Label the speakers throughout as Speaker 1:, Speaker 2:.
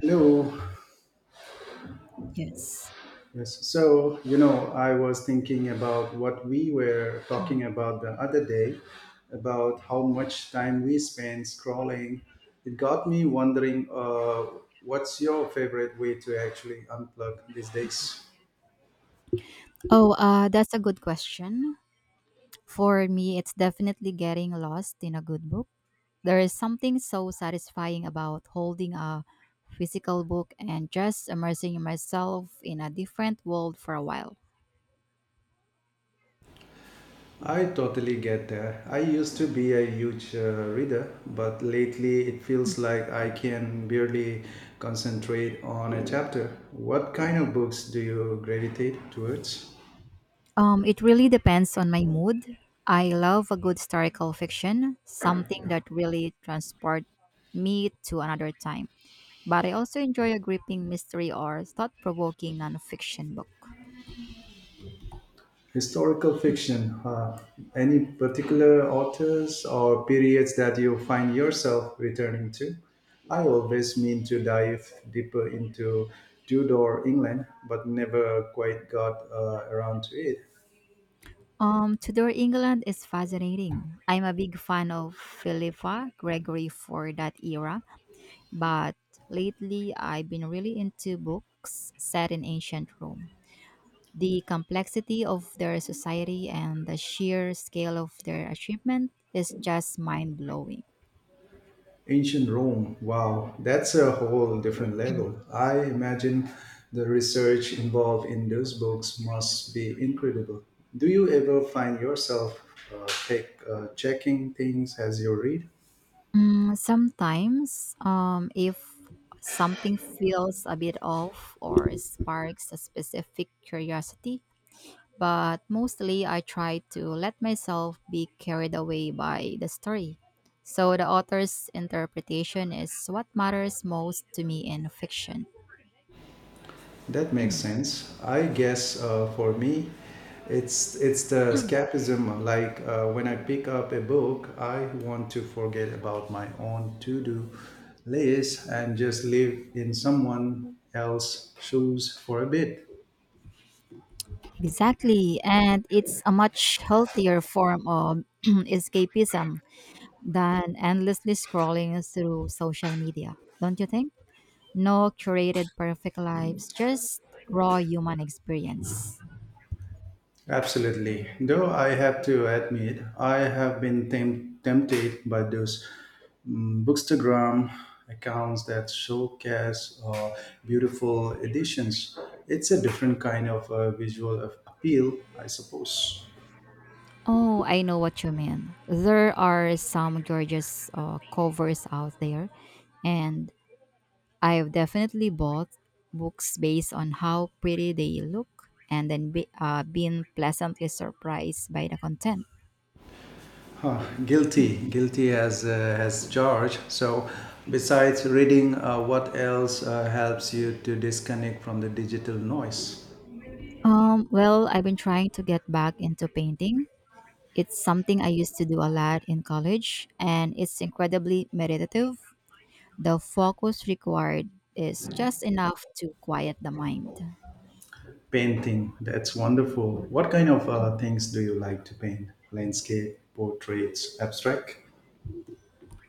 Speaker 1: Hello.
Speaker 2: Yes.
Speaker 1: Yes. So, you know, I was thinking about what we were talking about the other day, about how much time we spend scrolling. It got me wondering what's your favorite way to actually unplug these days?
Speaker 2: Oh, that's a good question. For me, it's definitely getting lost in a good book. There is something so satisfying about holding a physical book and just immersing myself in a different world for a while.
Speaker 1: I totally get that. I used to be a huge reader, but lately it feels like I can barely concentrate on a chapter. What kind of books do you gravitate towards?
Speaker 2: It really depends on my mood. I love a good historical fiction, something that really transport me to another time. But I also enjoy a gripping mystery or thought-provoking nonfiction book.
Speaker 1: Historical fiction. Any particular authors or periods that you find yourself returning to? I always mean to dive deeper into Tudor England, but never quite got around to it.
Speaker 2: Tudor England is fascinating. I'm a big fan of Philippa Gregory for that era, but lately I've been really into books set in ancient Rome. The complexity of their society and the sheer scale of their achievement is just mind blowing.
Speaker 1: Ancient Rome. Wow, that's a whole different level. I imagine the research involved in those books must be incredible. Do you ever find yourself checking things as you read?
Speaker 2: Mm, sometimes, if something feels a bit off or sparks a specific curiosity, but mostly I try to let myself be carried away by the story. So the author's interpretation is what matters most to me in fiction.
Speaker 1: That makes sense. I guess for me, it's the escapism. Like when I pick up a book, I want to forget about my own to-do list and just live in someone else's shoes for a bit.
Speaker 2: Exactly, and it's a much healthier form of escapism than endlessly scrolling through social media, don't you think? No curated perfect lives, just raw human experience.
Speaker 1: Absolutely. Though I have to admit, I have been tempted by those bookstagram accounts that showcase beautiful editions. It's a different kind of visual of appeal, I suppose.
Speaker 2: Oh, I know what you mean. There are some gorgeous covers out there, and I've definitely bought books based on how pretty they look and then been pleasantly surprised by the content.
Speaker 1: Huh, guilty, guilty as charged. So, besides reading, what else helps you to disconnect from the digital noise?
Speaker 2: Well, I've been trying to get back into painting. It's something I used to do a lot in college, and it's incredibly meditative. The focus required is just enough to quiet the mind.
Speaker 1: Painting, that's wonderful. What kind of things do you like to paint? Landscape, portraits, abstract?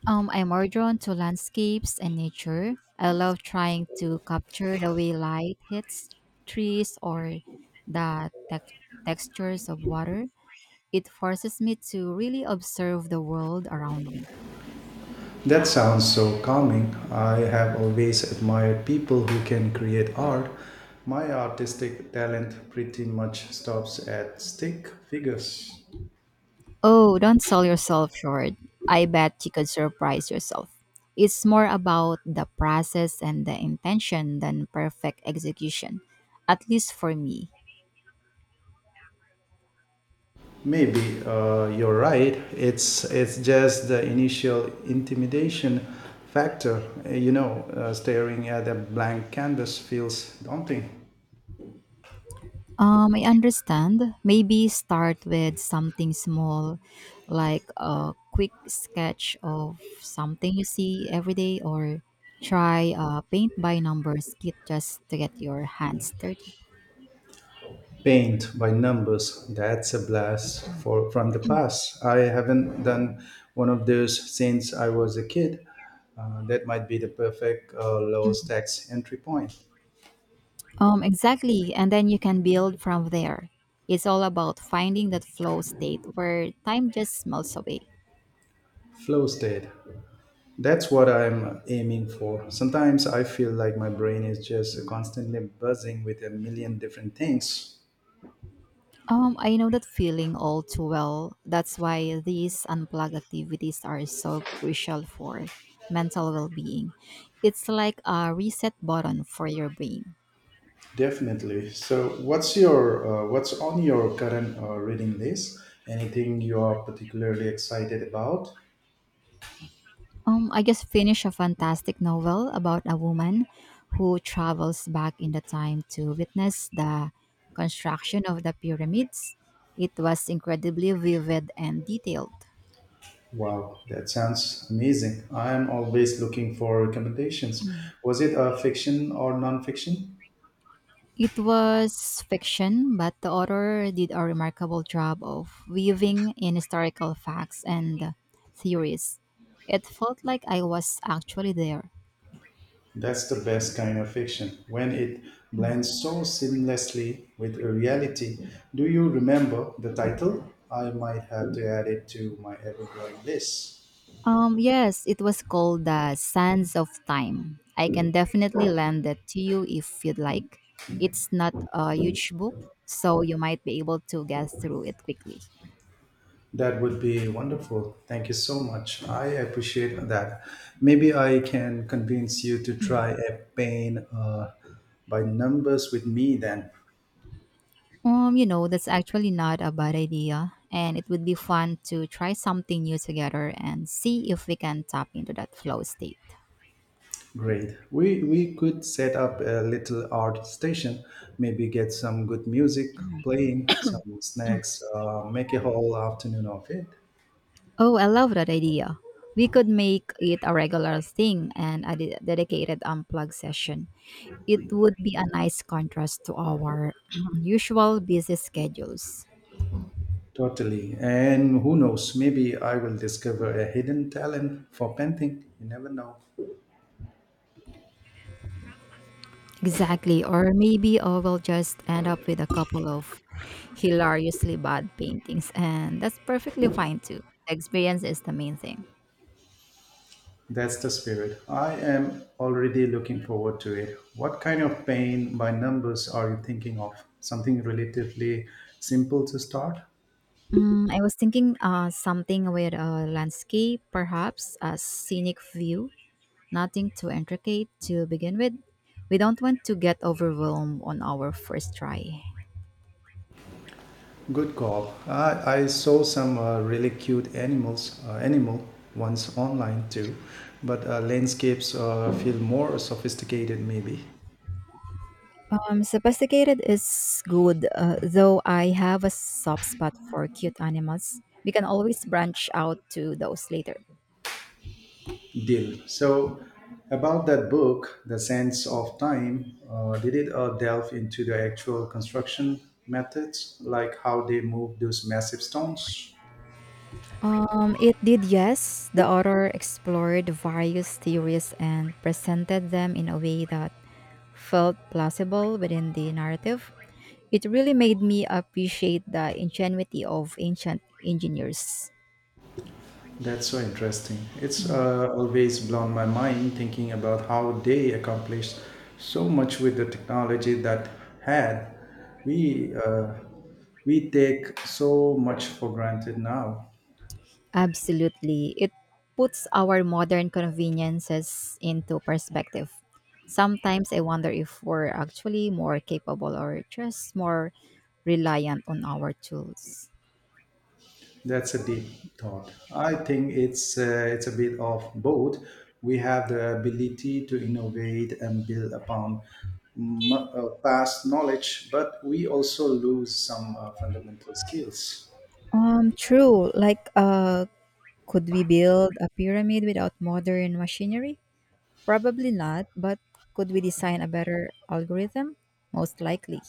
Speaker 2: I'm more drawn to landscapes and nature. I love trying to capture the way light hits trees or the textures of water. It forces me to really observe the world around me.
Speaker 1: That sounds so calming. I have always admired people who can create art. My artistic talent pretty much stops at stick figures.
Speaker 2: Oh, don't sell yourself short. I bet you could surprise yourself. It's more about the process and the intention than perfect execution, at least for me.
Speaker 1: Maybe you're right. It's just the initial intimidation factor. You know, staring at a blank canvas feels daunting.
Speaker 2: I understand. Maybe start with something small, like a quick sketch of something you see every day, or try a paint by numbers kit just to get your hands dirty.
Speaker 1: Paint by numbers, that's a blast for from the past. I haven't done one of those since I was a kid. That might be the perfect low stacks entry point.
Speaker 2: Exactly. And then you can build from there. It's all about finding that flow state where time just melts away.
Speaker 1: Flow state, that's what I'm aiming for. Sometimes I feel like my brain is just constantly buzzing with a million different things.
Speaker 2: I know that feeling all too well. That's why these unplugged activities are so crucial for mental well-being. It's like a reset button for your brain.
Speaker 1: Definitely. So what's your what's on your current reading list, anything you are particularly excited about?
Speaker 2: I just finished a fantastic novel about a woman who travels back in the time to witness the construction of the pyramids. It was incredibly vivid and detailed.
Speaker 1: Wow, that sounds amazing. I am always looking for recommendations. Was it a fiction or non-fiction?
Speaker 2: It was fiction, but the author did a remarkable job of weaving in historical facts and theories. It felt like I was actually there.
Speaker 1: That's the best kind of fiction, when it blends so seamlessly with reality. Do you remember the title? I might have to add it to my ever-growing list.
Speaker 2: Yes, it was called The Sands of Time. I can definitely lend it to you if you'd like. It's not a huge book, so you might be able to get through it quickly.
Speaker 1: That would be wonderful. Thank you so much. I appreciate that. Maybe I can convince you to try a pain by numbers with me then.
Speaker 2: That's actually not a bad idea, and it would be fun to try something new together and see if we can tap into that flow state.
Speaker 1: Great. We could set up a little art station, maybe get some good music playing, some snacks, make a whole afternoon of it.
Speaker 2: Oh, I love that idea. We could make it a regular thing and a dedicated unplug session. It would be a nice contrast to our usual busy schedules.
Speaker 1: Totally. And who knows, maybe I will discover a hidden talent for painting. You never know.
Speaker 2: Exactly, or maybe I will just end up with a couple of hilariously bad paintings, and that's perfectly fine too. The experience is the main thing.
Speaker 1: That's the spirit. I am already looking forward to it. What kind of paint by numbers are you thinking of? Something relatively simple to start?
Speaker 2: Mm, I was thinking something with a landscape, perhaps a scenic view, nothing too intricate to begin with. We don't want to get overwhelmed on our first try.
Speaker 1: Good call. I saw some really cute animal ones online too, but landscapes feel more sophisticated maybe.
Speaker 2: Sophisticated is good, though I have a soft spot for cute animals. We can always branch out to those later.
Speaker 1: Deal. So about that book, The Sense of Time, did it delve into the actual construction methods, like how they move those massive stones?
Speaker 2: It did, yes. The author explored various theories and presented them in a way that felt plausible within the narrative. It really made me appreciate the ingenuity of ancient engineers.
Speaker 1: That's so interesting. It's always blown my mind thinking about how they accomplished so much with the technology that had. we uh, we take so much for granted now.
Speaker 2: Absolutely. It puts our modern conveniences into perspective. Sometimes I wonder if we're actually more capable or just more reliant on our tools.
Speaker 1: That's a deep thought. I think it's a bit of both. We have the ability to innovate and build upon past knowledge, but we also lose some fundamental skills.
Speaker 2: True. Like could we build a pyramid without modern machinery? Probably not, but could we design a better algorithm? Most likely.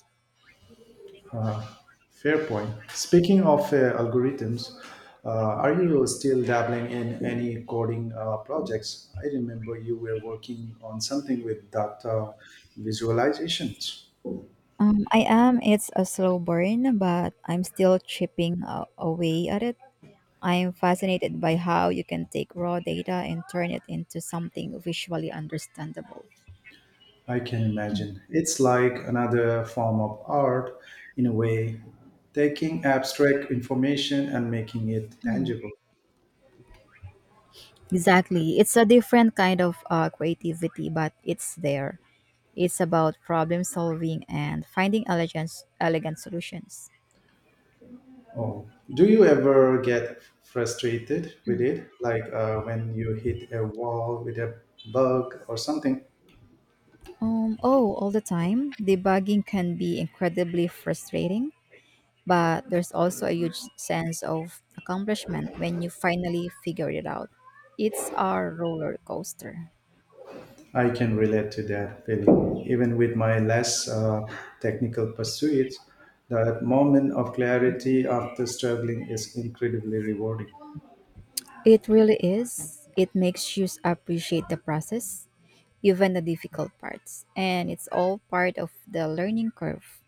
Speaker 1: Fair point. Speaking of algorithms, are you still dabbling in any coding projects? I remember you were working on something with data visualizations.
Speaker 2: I am. It's a slow burn, but I'm still chipping away at it. I'm fascinated by how you can take raw data and turn it into something visually understandable.
Speaker 1: I can imagine. It's like another form of art in a way, taking abstract information and making it tangible.
Speaker 2: Exactly. It's a different kind of creativity, but it's there. It's about problem solving and finding elegant solutions.
Speaker 1: Oh, do you ever get frustrated with it? Like when you hit a wall with a bug or something?
Speaker 2: Oh, all the time. Debugging can be incredibly frustrating, but there's also a huge sense of accomplishment when you finally figure it out. It's a roller coaster.
Speaker 1: I can relate to that feeling. Even with my less technical pursuits, that moment of clarity after struggling is incredibly rewarding.
Speaker 2: It really is. It makes you appreciate the process, even the difficult parts, and it's all part of the learning curve.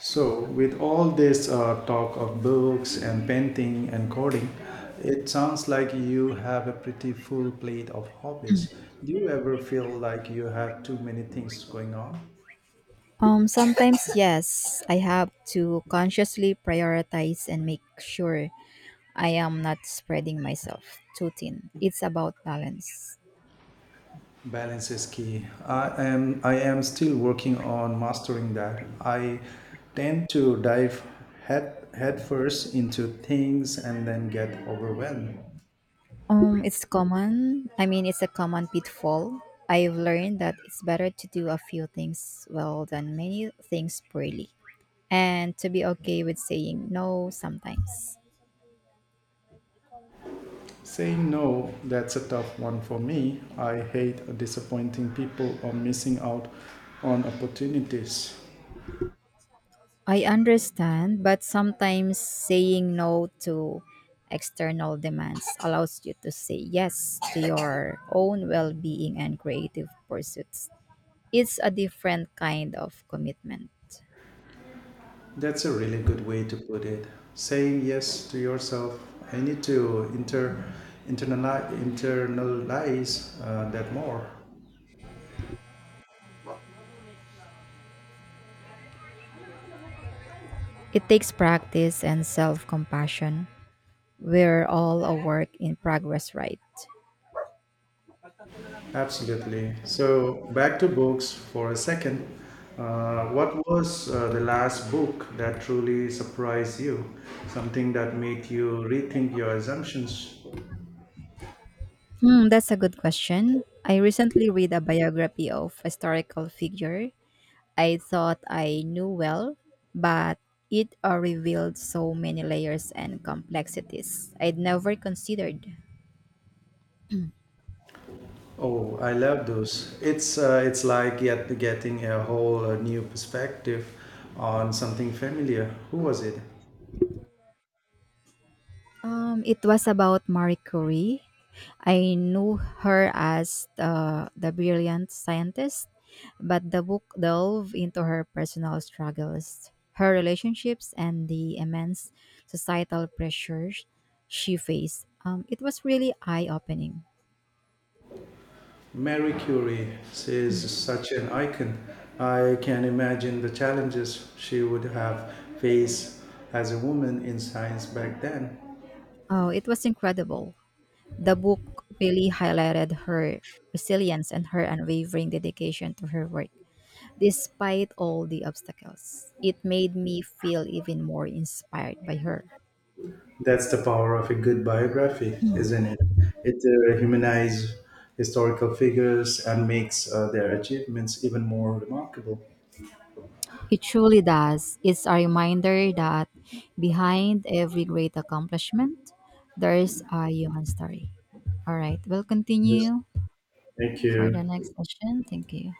Speaker 1: So, with all this talk of books and painting and coding, it sounds like you have a pretty full plate of hobbies. Do you ever feel like you have too many things going on?
Speaker 2: Sometimes, yes, I have to consciously prioritize and make sure I am not spreading myself too thin. It's about balance.
Speaker 1: Balance is key. I am still working on mastering that. I tend to dive head first into things and then get overwhelmed.
Speaker 2: It's common. I mean, it's a common pitfall. I've learned that it's better to do a few things well than many things poorly, and to be okay with saying no sometimes.
Speaker 1: Saying no, that's a tough one for me. I hate disappointing people or missing out on opportunities.
Speaker 2: I understand, but sometimes saying no to external demands allows you to say yes to your own well being and creative pursuits. It's a different kind of commitment.
Speaker 1: That's a really good way to put it. Saying yes to yourself. I need to internalize that more.
Speaker 2: It takes practice and self compassion. We're all a work in progress, right?
Speaker 1: Absolutely. So back to books for a second. What was the last book that truly surprised you? Something that made you rethink your assumptions?
Speaker 2: Hmm, that's a good question. I recently read a biography of historical figure I thought I knew well, but it revealed so many layers and complexities I'd never considered.
Speaker 1: Oh, I love those. It's like yet getting a whole new perspective on something familiar. Who was it?
Speaker 2: It was about Marie Curie. I knew her as the brilliant scientist, but the book delved into her personal struggles, her relationships, and the immense societal pressures she faced. It was really eye opening.
Speaker 1: Mary Curie is such an icon. I can imagine the challenges she would have faced as a woman in science back then.
Speaker 2: Oh, it was incredible. The book really highlighted her resilience and her unwavering dedication to her work. Despite all the obstacles, it made me feel even more inspired by her.
Speaker 1: That's the power of a good biography, isn't it? It humanizes historical figures and makes their achievements even more remarkable.
Speaker 2: It truly does. It's a reminder that behind every great accomplishment, there's a human story. All right, we'll
Speaker 1: Yes.
Speaker 2: continue
Speaker 1: Thank
Speaker 2: for the
Speaker 1: you.
Speaker 2: next session. Thank you.